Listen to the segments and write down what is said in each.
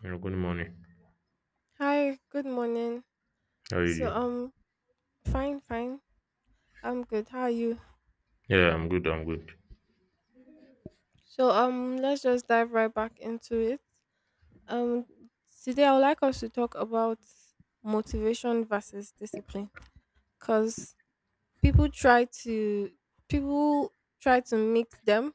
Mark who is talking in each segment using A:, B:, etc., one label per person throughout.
A: Yeah, good morning.
B: Hi, good morning.
A: How are you
B: So
A: doing?
B: um Fine, fine. I'm good. How are you?
A: Yeah, I'm good. I'm good.
B: Let's just dive right back into it. Um Today I would like us to talk about motivation versus discipline cuz people try to people try to mix them.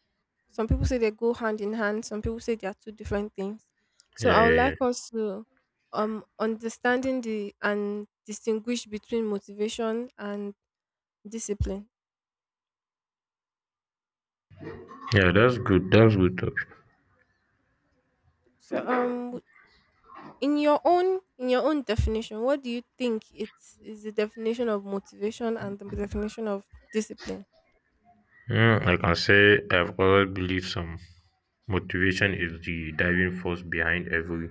B: Some people say they go hand in hand, some people say they are two different things. So
A: Yeah,
B: I would
A: yeah, yeah.
B: like us to understanding the and distinguish between motivation and discipline.
A: Yeah, that's good. That's good topic.
B: So um w- in your own definition, what do you think it's is the definition of motivation and the definition of discipline?
A: I can say I've always believed some motivation is the driving force behind every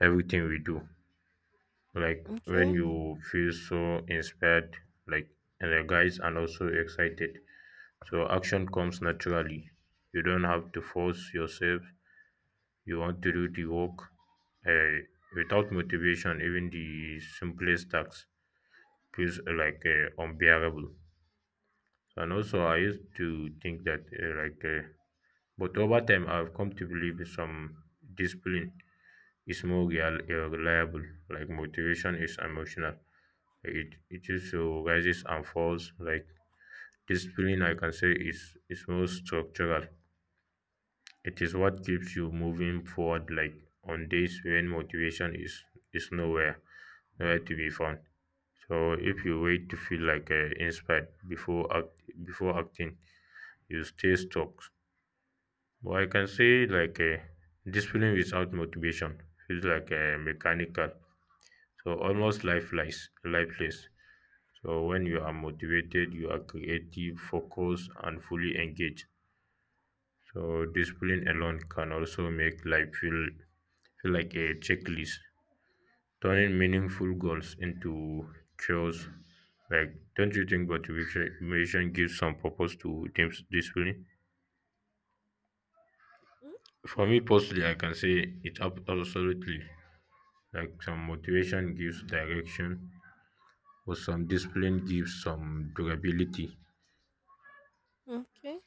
A: everything we do. Like when
B: Okay.
A: you feel so inspired, like energized and also excited, so action comes naturally. You don't have to force yourself. You want to do the work. Uh, without motivation, even the simplest tasks feels like unbearable. And also, I used to think that, like, but over time, I've come to believe some discipline is more real, reliable. Like motivation is emotional. It is rises and falls. Like discipline, I can say is more structural. It is what keeps you moving forward like on days when motivation is nowhere to be found. So if you wait to feel like inspired before acting, you stay stuck. But I can say like discipline without motivation feels like mechanical. So almost lifeless. So when you are motivated, you are creative, focused, and fully engaged. So discipline alone can also make life feel like a checklist, turning meaningful goals into chores. Like, don't you think motivation gives some purpose to discipline? For me personally, I can say it absolutely. Like some motivation gives direction, but some discipline gives some durability,
B: Mm, okay.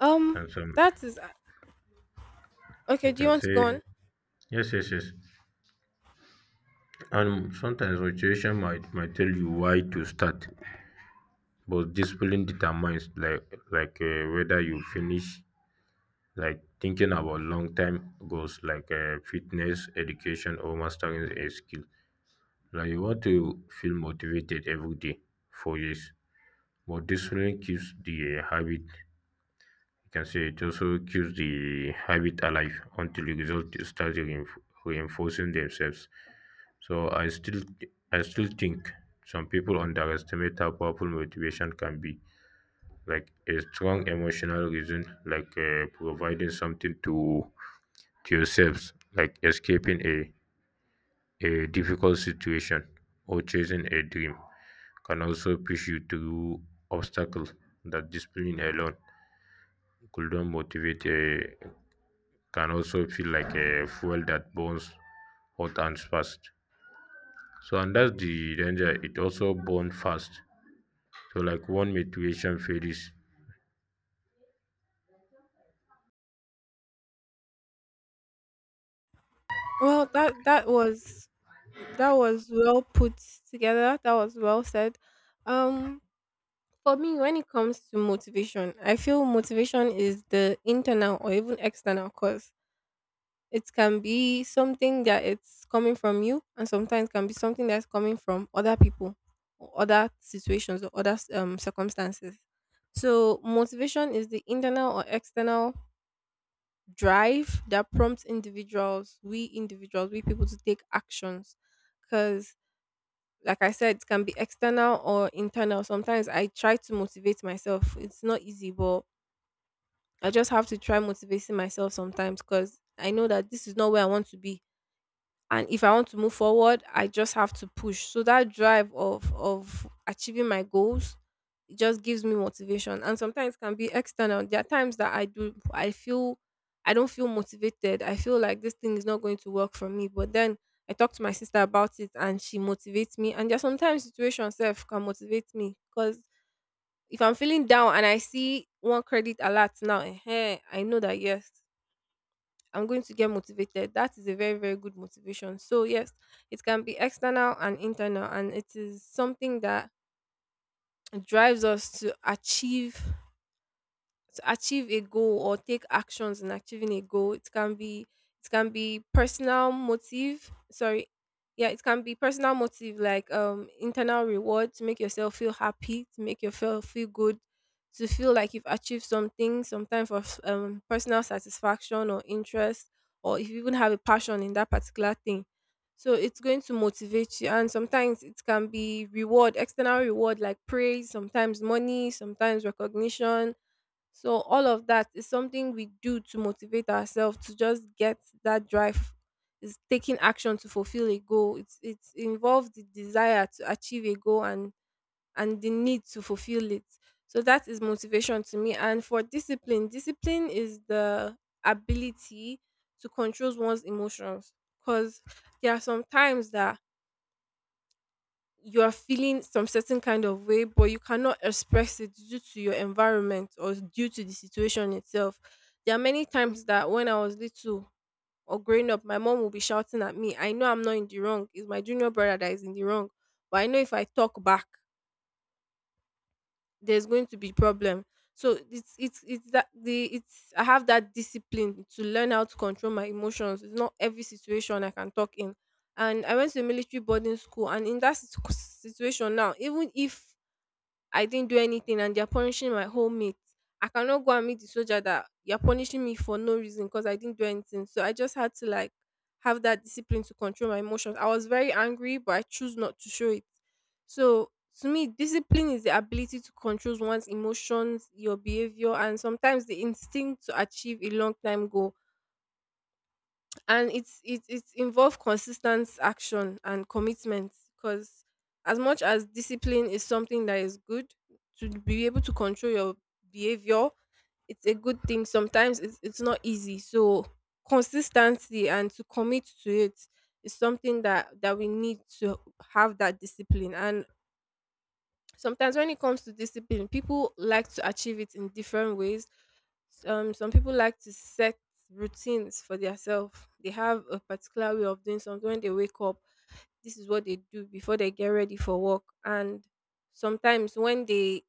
B: Um
A: and some
B: that is
A: I
B: Okay, do you
A: can
B: want to go
A: say
B: on?
A: yes, yes, yes. And sometimes motivation might tell you why to start, but discipline determines like whether you finish, like thinking about long term goals like fitness, education, or mastering a skill. Like you want to feel motivated every day for years, but discipline keeps the habit. You can say it also keeps the habit alive until the results start reinforcing themselves. So I still think some people underestimate how powerful motivation can be, like a strong emotional reason, like providing something to yourselves, like escaping a difficult situation or chasing a dream can also push you through obstacles that discipline alone could not motivate, can also feel like a fuel that burns hot and fast. So and that's the danger, it also burns fast, so like one motivation fades.
B: Well, that was well put together. That was well said. Um for me when it comes to motivation, I feel motivation is the internal or even external cause. It can be something that it's coming from you, and sometimes can be something that's coming from other people, or other situations, or other circumstances. So, motivation is the internal or external drive that prompts individuals, we people to take actions. Because, like I said, it can be external or internal. Sometimes I try to motivate myself. It's not easy, but I just have to try motivating myself sometimes because I know that this is not where I want to be, and if I want to move forward I just have to push, so that drive of achieving my goals, it just gives me motivation. And sometimes can be external. There are times that I do I feel I don't feel motivated, I feel like this thing is not going to work for me, but then I talk to my sister about it and she motivates me. And there are sometimes situations self can motivate me, because if I'm feeling down and I see one credit alert now eh, I know that yes, I'm going to get motivated. That is a very, very good motivation. So, yes, it can be external and internal, and it is something that drives us to achieve a goal or take actions in achieving a goal. It can be personal motive. Sorry. Yeah, it can be personal motive like internal reward to make yourself feel happy, to make yourself feel good, to feel like you've achieved something, some type of personal satisfaction or interest, or if you even have a passion in that particular thing. So it's going to motivate you. And sometimes it can be reward, external reward like praise, sometimes money, sometimes recognition, so all of that is something we do to motivate ourselves to just get that drive. Is taking action to fulfill a goal. It's involves the desire to achieve a goal and the need to fulfill it. So that is motivation to me. And for discipline, discipline is the ability to control one's emotions. Because there are some times that you are feeling some certain kind of way, but you cannot express it due to your environment or due to the situation itself. There are many times that when I was little or growing up, my mom will be shouting at me. I know I'm not in the wrong. It's my junior brother that is in the wrong. But I know if I talk back, there's going to be problem. So it's that the it's I have that discipline to learn how to control my emotions. It's not every situation I can talk in. And I went to a military boarding school. And in that situation now, even if I didn't do anything and they're punishing my whole mate, I cannot go and meet the soldier that you're punishing me for no reason because I didn't do anything. So I just had to like have that discipline to control my emotions. I was very angry, but I choose not to show it. So to me, discipline is the ability to control one's emotions, your behavior, and sometimes the instinct to achieve a long time goal. And it involves consistent action and commitment, because as much as discipline is something that is good to be able to control your behavior, it's a good thing. Sometimes it's not easy, so consistency and to commit to it is something that we need to have that discipline. And sometimes when it comes to discipline, people like to achieve it in different ways. Um, some people like to set routines for themselves. They have a particular way of doing something. When they wake up, this is what they do before they get ready for work. And sometimes when they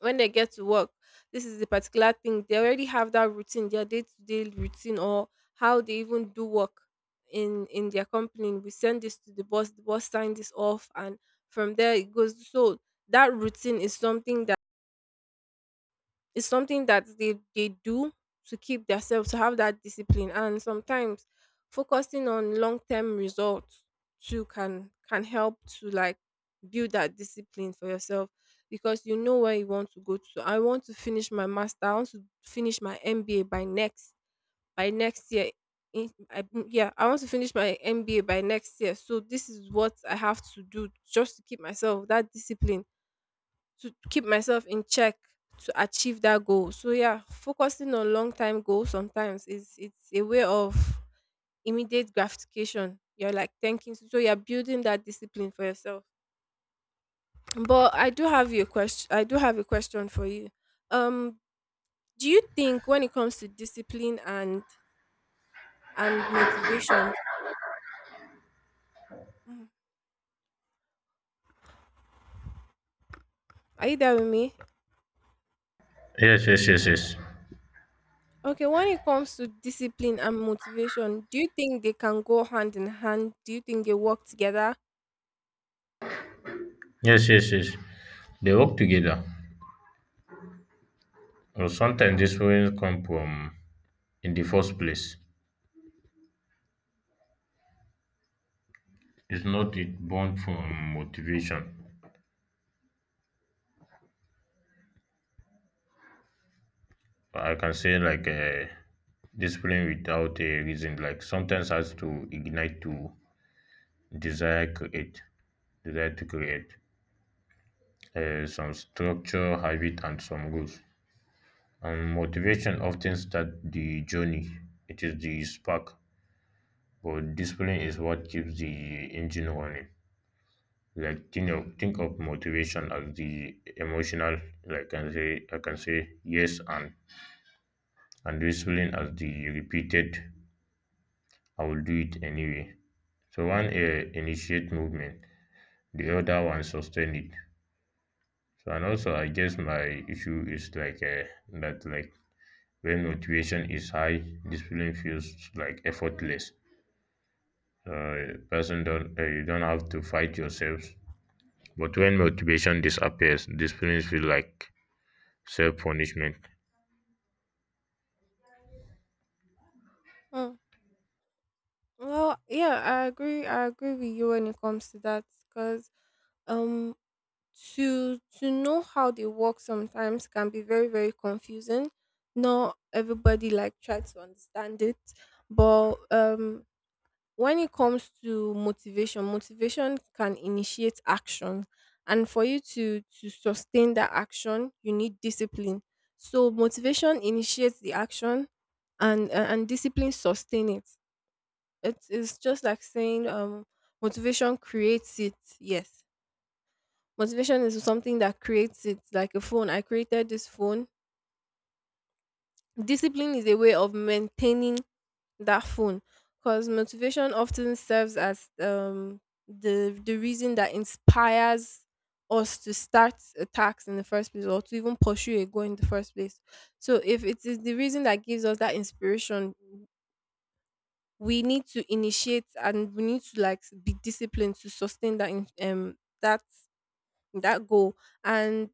B: get to work, this is the particular thing. They already have that routine, their day to day routine, or how they even do work in their company. We send this to the boss sign this off, and from there it goes. So that routine is something that they do to keep themselves to have that discipline. And sometimes focusing on long term results too can help to like build that discipline for yourself, because you know where you want to go to. I want to finish my master. I want to finish my MBA by next year. Yeah, I want to finish my MBA by next year. So this is what I have to do just to keep myself that discipline, to keep myself in check, to achieve that goal. So yeah, focusing on long time goals sometimes is it's a way of immediate gratification. You're like thanking so you're building that discipline for yourself. But I do have your question I do have a question for you. Um do you think when it comes to discipline and motivation, mhm, are you there with me?
A: Yes, yes, yes, yes.
B: Okay, when it comes to discipline and motivation, do you think they can go hand in hand? Do you think they work together?
A: Yes, yes, yes. They work together. Well, sometimes disagreement come from in the first place. It's not it born from motivation. I can say like discipline without a reason. Like sometimes has to ignite to desire create desire to create some structure, habit, and some rules. And motivation often start the journey. It is the spark, but discipline is what keeps the engine running. Like think of motivation as the emotional, like I can say yes, and discipline as the repeated, I will do it anyway. So one initiate movement, the other one sustain it. So and also I guess my issue is like that, like when motivation is high, discipline feels like effortless. Person don't you don't have to fight yourself. But when motivation disappears, discipline feels like self punishment.
B: Mm. Well, yeah, I agree. I agree with you when it comes to that because um to know how they work sometimes can be very very confusing. Not everybody like try to understand it, but when it comes to motivation can initiate action. And for you to sustain that action you need discipline. So motivation initiates the action, and discipline sustain it. It is just like saying motivation creates it. Yes, motivation is something that creates it, like a phone. I created this phone. Discipline is a way of maintaining that phone, because motivation often serves as the reason that inspires us to start a task in the first place or to even pursue a goal in the first place. So if it is the reason that gives us that inspiration, we need to initiate and we need to like be disciplined to sustain that that goal. And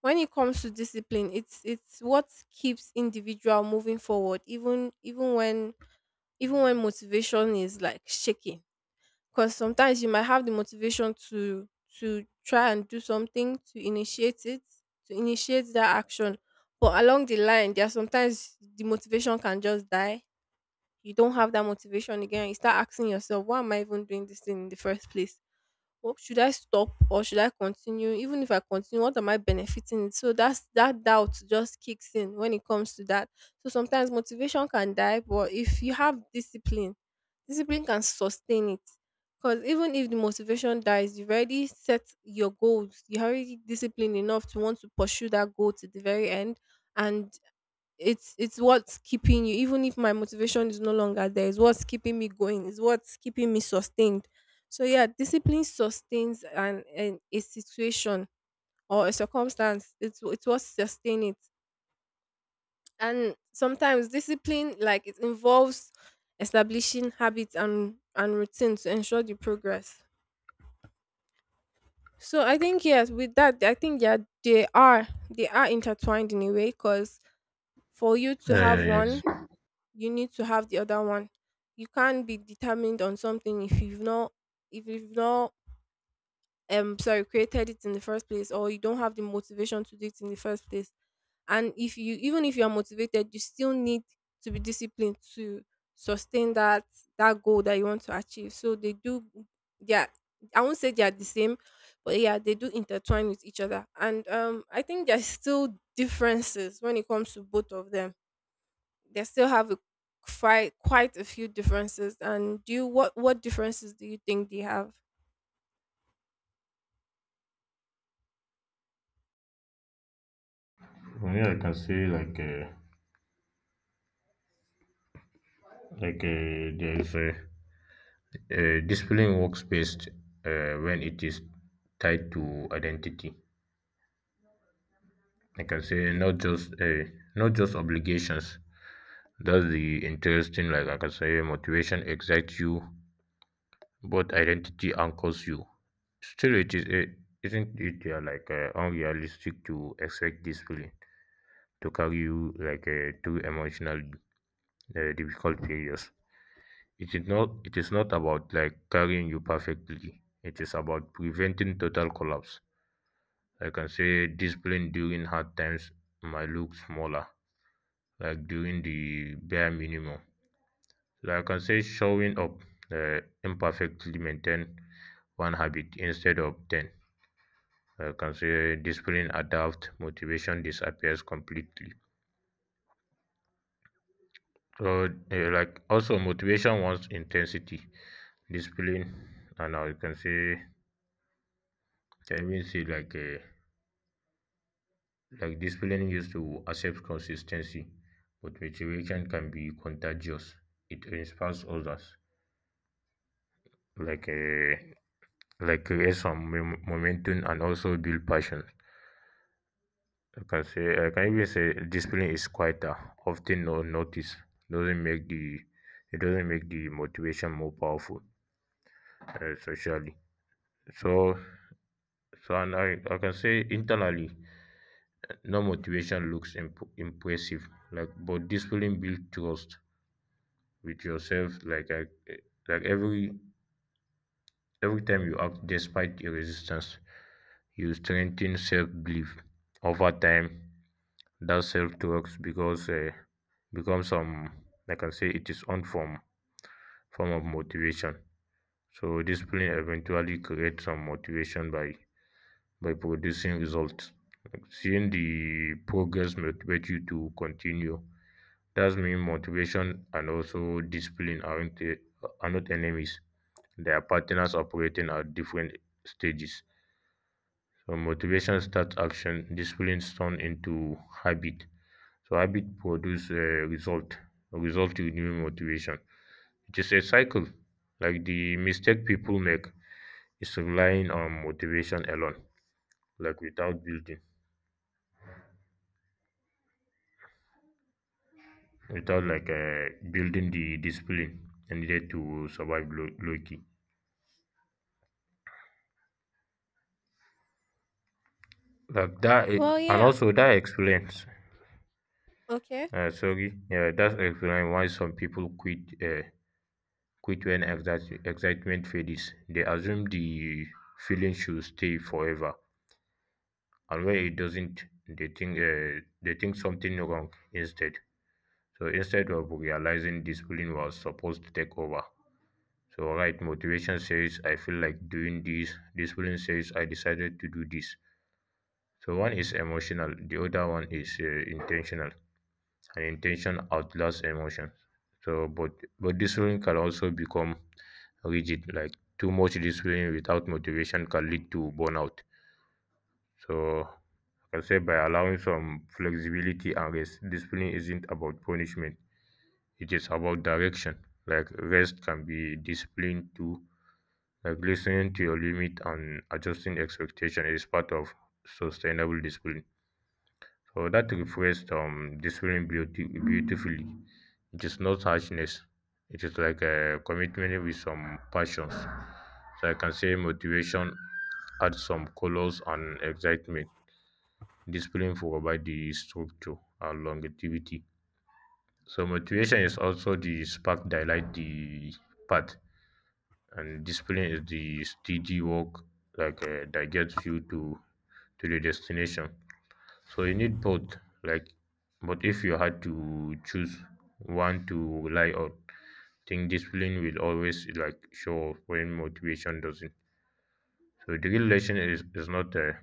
B: when it comes to discipline, it's what keeps individual moving forward, even when motivation is like shaking. Because sometimes you might have the motivation to try and do something, to initiate it, to initiate that action. But along the line there are sometimes the motivation can just die. You don't have that motivation again. You start asking yourself, why am I even doing this thing in the first place? What, should I stop or should I continue? Even if I continue, what am I benefiting? So that's that doubt just kicks in when it comes to that. So sometimes motivation can die, but if you have discipline, discipline can sustain it. Because even if the motivation dies, you've already set your goals. You're already disciplined enough to want to pursue that goal to the very end. And it's what's keeping you, even if my motivation is no longer there, it's what's keeping me going. It's what's keeping me sustained. So yeah, discipline sustains an a situation or a circumstance. It's what sustain it. And sometimes discipline like it involves establishing habits and routine to ensure the progress. So I think yes, with that I think yeah, they are intertwined in a way, because for you to
A: Yeah,
B: have
A: yeah,
B: one
A: yes.
B: you need to have the other one. You can't be determined on something if you've not if you've not sorry, created it in the first place, or you don't have the motivation to do it in the first place. And if you even if you are motivated, you still need to be disciplined to sustain that goal that you want to achieve. So they do, yeah, I won't say they are the same, but yeah, they do intertwine with each other. And I think there's still differences when it comes to both of them. They still have a, quite a few differences. And do you what differences do you think they have?
A: From here, I can say like there is a displaying workspace when it is tied to identity. I can say not just obligations. That's the interesting. Like I can say, motivation excites you, but identity anchors you. Still, it isn't it like unrealistic to expect this feeling to carry you, like through emotional, difficult periods. It is not about, like, carrying you perfectly. It is about preventing total collapse. I can say discipline during hard times might look smaller, like during the bare minimum. Like I can say showing up imperfectly maintain one habit instead of 10. I can say discipline adapt, motivation disappears completely. So like also motivation wants intensity, discipline, and I can say I even see like discipline used to accept consistency, but motivation can be contagious. It inspires others, like uh, like create some momentum and also build passion. I can even say discipline is quieter, often not noticed. Doesn't make the it doesn't make the motivation more powerful, socially. So so and I can say internally, no motivation looks impressive, like, but discipline builds trust with yourself, like every time you act despite your resistance, you strengthen self belief over time. That self talks, because becomes some, like I can say it is one form of motivation. So discipline eventually creates some motivation by producing results. Like, seeing the progress motivate you to continue, that's mean motivation and also discipline are not enemies. Their partners operating at different stages. So motivation starts action, disciplines turn into habit. So habit produce result. A result renew motivation. It is a cycle. Like the mistake people make is relying on motivation alone, like without building, without like building the discipline and needed to survive low key. Like that,
B: Well,
A: it, and
B: yeah.
A: also that explains.
B: Okay.
A: Sorry, yeah, that explains why some people quit when excitement fades. They assume the feeling should stay forever, and when it doesn't, they think something wrong instead. So instead of realizing discipline was supposed to take over. So right, motivation says I feel like doing this. Discipline says I decided to do this. So one is emotional, the other one is intentional, and intention outlasts emotion. So, but discipline can also become rigid, like too much discipline without motivation can lead to burnout. So I can say, by allowing some flexibility and rest, discipline isn't about punishment, it is about direction. Like rest can be disciplined too, like listening to your limit and adjusting expectation is part of sustainable discipline. So that reflects discipline beautifully. It is not harshness. It is like a commitment with some passions. So I can say motivation adds some colors and excitement. Discipline provide the structure and longevity. So motivation is also the spark that light the path, and discipline is the steady work, like that gets you to the destination. So you need both. Like, but if you had to choose one to rely on, think discipline will always like show up when motivation doesn't. So the real lesson is not,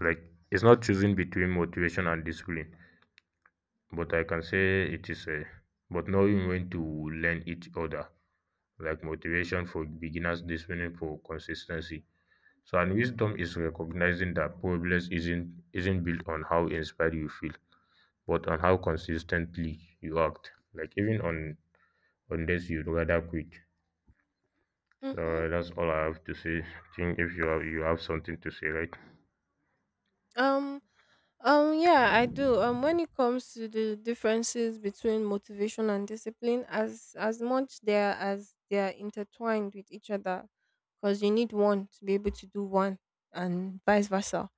A: like, it's not choosing between motivation and discipline, but I can say it is but knowing when to learn each other, like motivation for beginners, discipline for consistency. So and wisdom is recognizing that progress isn't built on how inspired you feel, but on how consistently you act. Like even on days you'd rather quit.
B: Mhm.
A: That's all I have to say. I think, if you have something to say, right?
B: Um. Yeah, I do. When it comes to the differences between motivation and discipline, as much there as they are intertwined with each other, because you need one to be able to do one, and vice versa.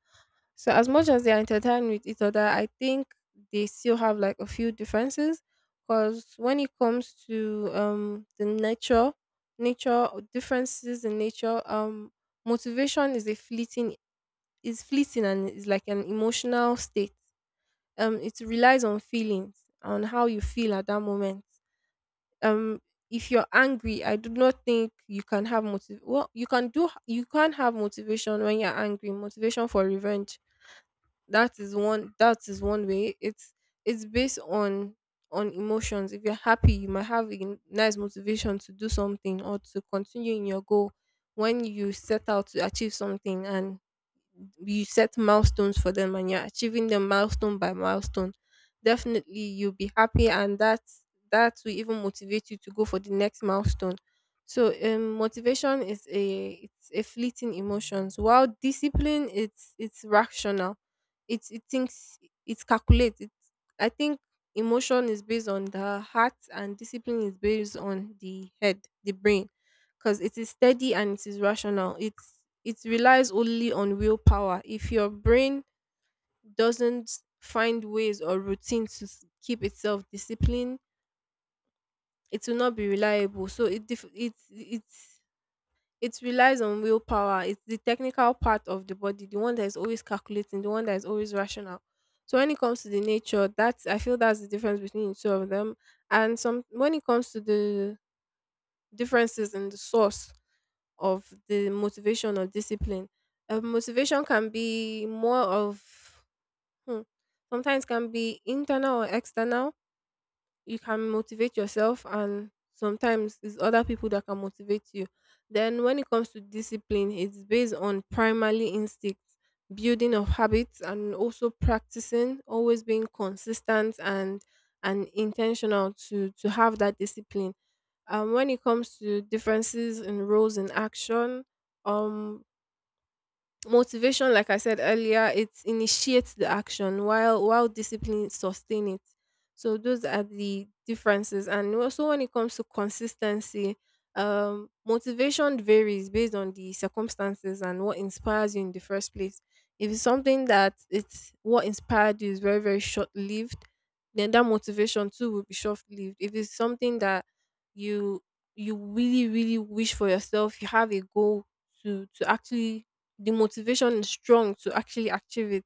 B: So as much as they are intertwined with each other, I think they still have like a few differences. Because when it comes to the nature, nature or differences in nature, motivation is a fleeting is fleeting and is like an emotional state. It relies on feelings on how you feel at that moment. Um, if you're angry, I do not think you can have motiv. Well, you can't have motivation when you're angry. Motivation for revenge, that is one way. It's based on emotions. If you're happy, you might have a nice motivation to do something or to continue in your goal. When you set out to achieve something, and you set milestones for them, and you're achieving them milestone by milestone, definitely you'll be happy, and that will even motivate you to go for the next milestone. So motivation is a it's a fleeting emotions, while discipline, it's rational. It thinks, it calculates. It I think emotion is based on the heart, and discipline is based on the head, the brain, because it is steady and it is rational. It relies only on willpower. If your brain doesn't find ways or routines to keep itself disciplined, it will not be reliable. So it it relies on willpower. It's the technical part of the body, the one that is always calculating, the one that is always rational. So when it comes to the nature, that's, I feel, that's the difference between the two of them. And some when it comes to the differences in the source of the motivation or discipline. Motivation can be more of hmm, sometimes can be internal or external. You can motivate yourself, and sometimes it's other people that can motivate you. Then when it comes to discipline, it's based on primarily instincts, building of habits, and also practicing, always being consistent and intentional to have that discipline. When it comes to differences in roles in action, um motivation, like I said earlier, it initiates the action, while discipline sustain it. So those are the differences. And also when it comes to consistency, motivation varies based on the circumstances and what inspires you in the first place. If it's something that it's what inspired you is very, very short lived, then that motivation too will be short lived. If it's something that you you really, really wish for yourself, you have a goal to actually the motivation is strong to actually achieve it.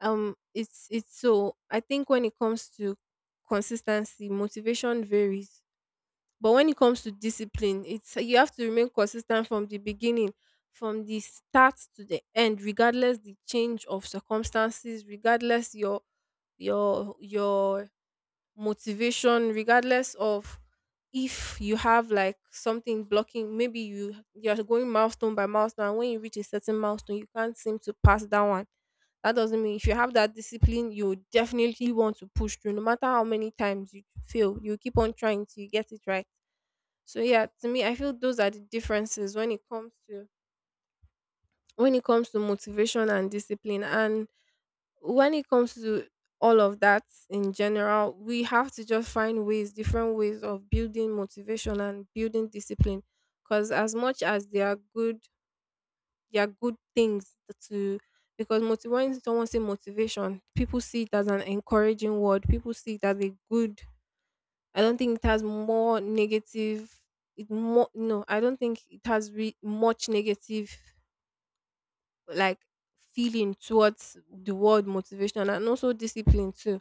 B: It's so I think when it comes to consistency, motivation varies. But when it comes to discipline, it's you have to remain consistent from the beginning, from the start to the end, regardless the change of circumstances, regardless your your motivation, regardless of if you have like something blocking. Maybe you you're going milestone by milestone, and when you reach a certain milestone, you can't seem to pass that one. That doesn't mean, if you have that discipline, you definitely want to push through. No matter how many times you fail, you keep on trying till you get it right. So yeah, to me I feel those are the differences when it comes to motivation and discipline, and when it comes to all of that in general, we have to just find ways, different ways of building motivation and building discipline. Because as much as they are good things to. Because when someone say motivation, people see it as an encouraging word. People see it as a good. I don't think it has more negative. It more no. I don't think it has much negative like feeling towards the word motivation, and also discipline too.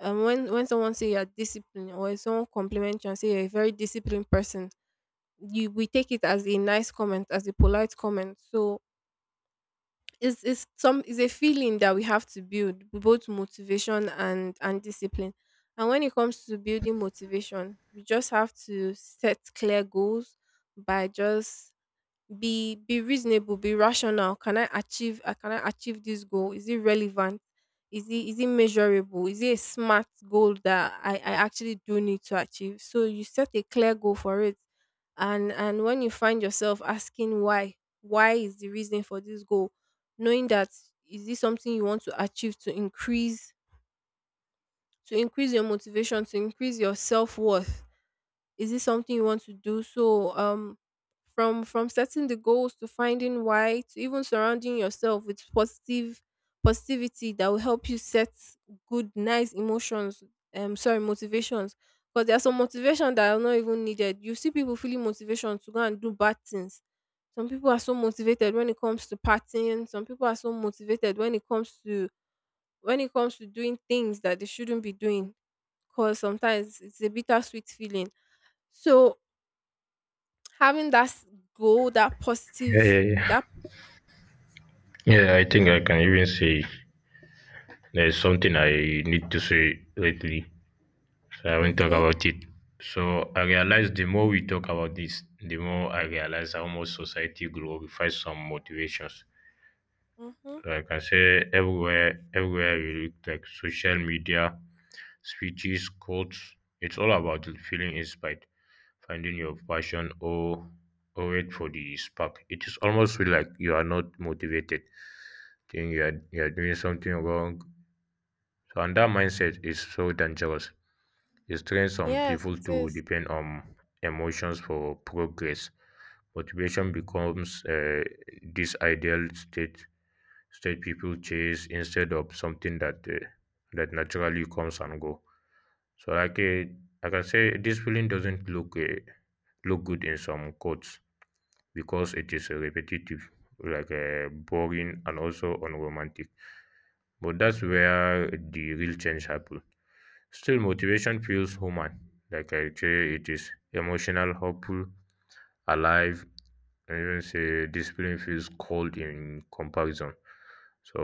B: When someone say you're disciplined, or if someone compliment you and say you're a very disciplined person, you we take it as a nice comment, as a polite comment. So it's a feeling that we have to build both motivation and discipline. And when it comes to building motivation, we just have to set clear goals by just be reasonable, be rational. Can I achieve, can I achieve this goal? Is it relevant? Is it measurable? Is it a smart goal that I actually do need to achieve? So you set a clear goal for it. And when you find yourself asking why is the reason for this goal, knowing that, is this something you want to achieve to increase your motivation, to increase your self-worth, is this something you want to do? So, from setting the goals to finding why to even surrounding yourself with positive positivity that will help you set good, nice emotions. Sorry, motivations. Because there are some motivation that are not even needed. You see people feeling motivation to go and do bad things. Some people are so motivated when it comes to partying, some people are so motivated when it comes to doing things that they shouldn't be doing, because sometimes it's a bittersweet feeling. So having that goal, that
A: Yeah, yeah,
B: positive,
A: yeah.
B: that
A: Yeah, I think I can even say there's something I need to say lately. So I won't talk
B: okay,
A: about it. So I realize, the more we talk about this, the more I realize how much society glorifies some motivations.
B: mm-hmm.
A: So I can say everywhere you look, like social media, speeches, quotes, it's all about feeling inspired, finding your passion, or wait for the spark. It is almost feel like you are not motivated, think you are doing something wrong. So and that mindset is so dangerous. It trains some
B: Yes,
A: people
B: it
A: to
B: is.
A: depend on emotions for progress. Motivation becomes, this ideal state people chase, instead of something that naturally comes and go. So like I can say this feeling doesn't look good in some quotes because it is repetitive, like boring, and also unromantic, but that's where the real change happens. Still motivation feels human. Like I say, it is emotional, hopeful, alive, and even say discipline feels cold in comparison. So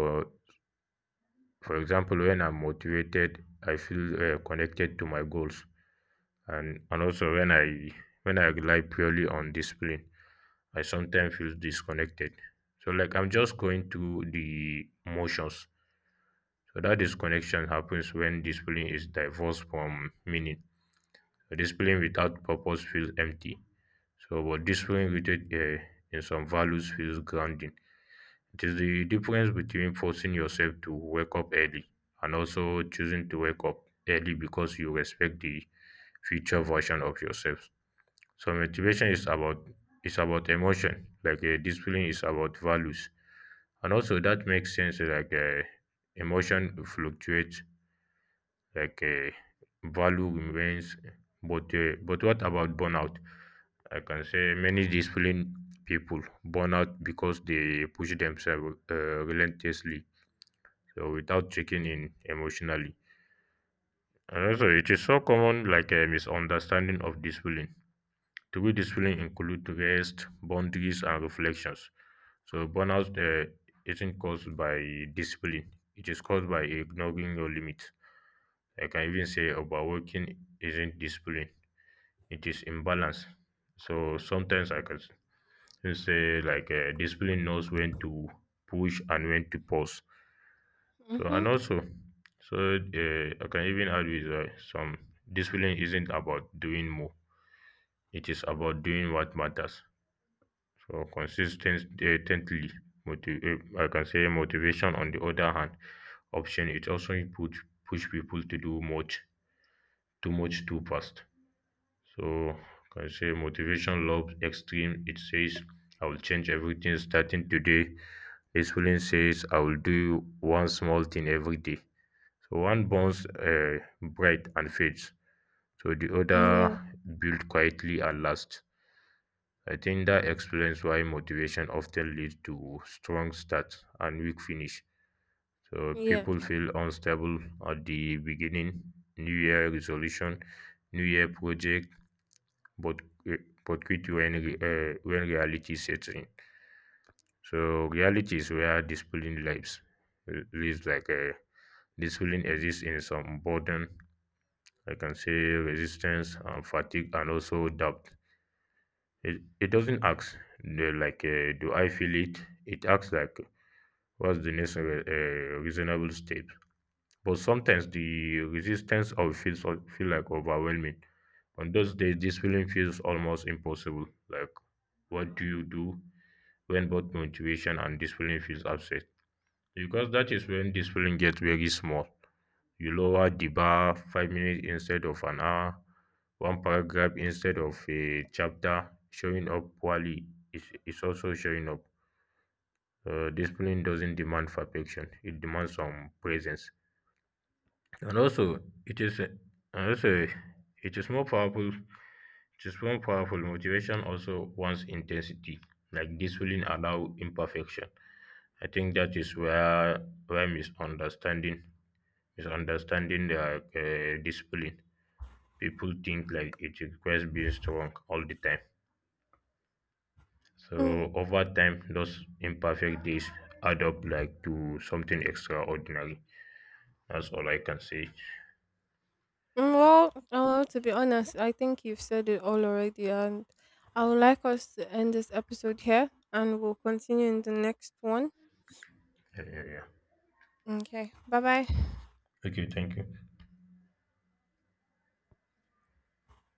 A: for example, when I'm motivated I feel connected to my goals, and also when I rely purely on discipline, I sometimes feel disconnected. So like I'm just going through the motions. So that disconnection happens when discipline is divorced from meaning. So discipline without purpose feels empty. So but discipline rooted in some values feels grounding. It is the difference between forcing yourself to wake up early and also choosing to wake up early because you respect the future version of yourself. So motivation is about emotion, like discipline is about values, and also that makes sense. Like emotion fluctuates, like value remains. But what about burnout? I can say many disciplined people burn out because they push themselves, relentlessly, so without checking in emotionally. And also, it is so common, like a misunderstanding of discipline. True discipline includes rest, boundaries, and reflections. So burnout isn't caused by discipline; it is caused by ignoring your limits. I can even say overworking isn't discipline; it is imbalance. So sometimes I can say, like discipline knows when to push and when to pause. So
B: Mm-hmm.
A: and also, I can even add with, some discipline isn't about doing more; it is about doing what matters. So consistently, motiv- I can say motivation on the other hand option it also push people to do much too fast. So can say motivation loves extreme, it says I will change everything starting today. Discipline says I will do one small thing every day. So one burns, bright and fades, so the other
B: Mm, yeah,
A: build quietly and lasts. I think that explains why motivation often leads to strong start and weak finish. So
B: yes.
A: people feel unstable at the beginning, New Year resolution, New Year project, but uh, but quit when, when reality sets in. So reality is where discipline lives. Uh, Lives like uh, discipline exists in some burden, I can say resistance and fatigue, and also doubt. It doesn't ask the, like do I feel it? It acts like, what's the next reasonable step. But sometimes the resistance of feel like overwhelming. On those days, this feeling feels almost impossible. Like, what do you do when both motivation and discipline feels absent? Because that is when discipline gets very small. You lower the bar 5 minutes instead of an hour, one paragraph instead of a chapter. Showing up poorly is also showing up. Discipline doesn't demand perfection; it demands some presence. And also, it is and also it is more powerful. It is more powerful. Motivation also wants intensity. Like discipline allow imperfection. I think that is where misunderstanding the discipline. People think like it requires being strong all the time.
B: Mm.
A: So over time, those imperfect days add up, like to something extraordinary. That's all I can say.
B: Mm, well, well, to be honest, I think you've said it all already, and I would like us to end this episode here, and we'll continue in the next one.
A: Yeah. Yeah.
B: Okay, bye bye.
A: Okay, thank you.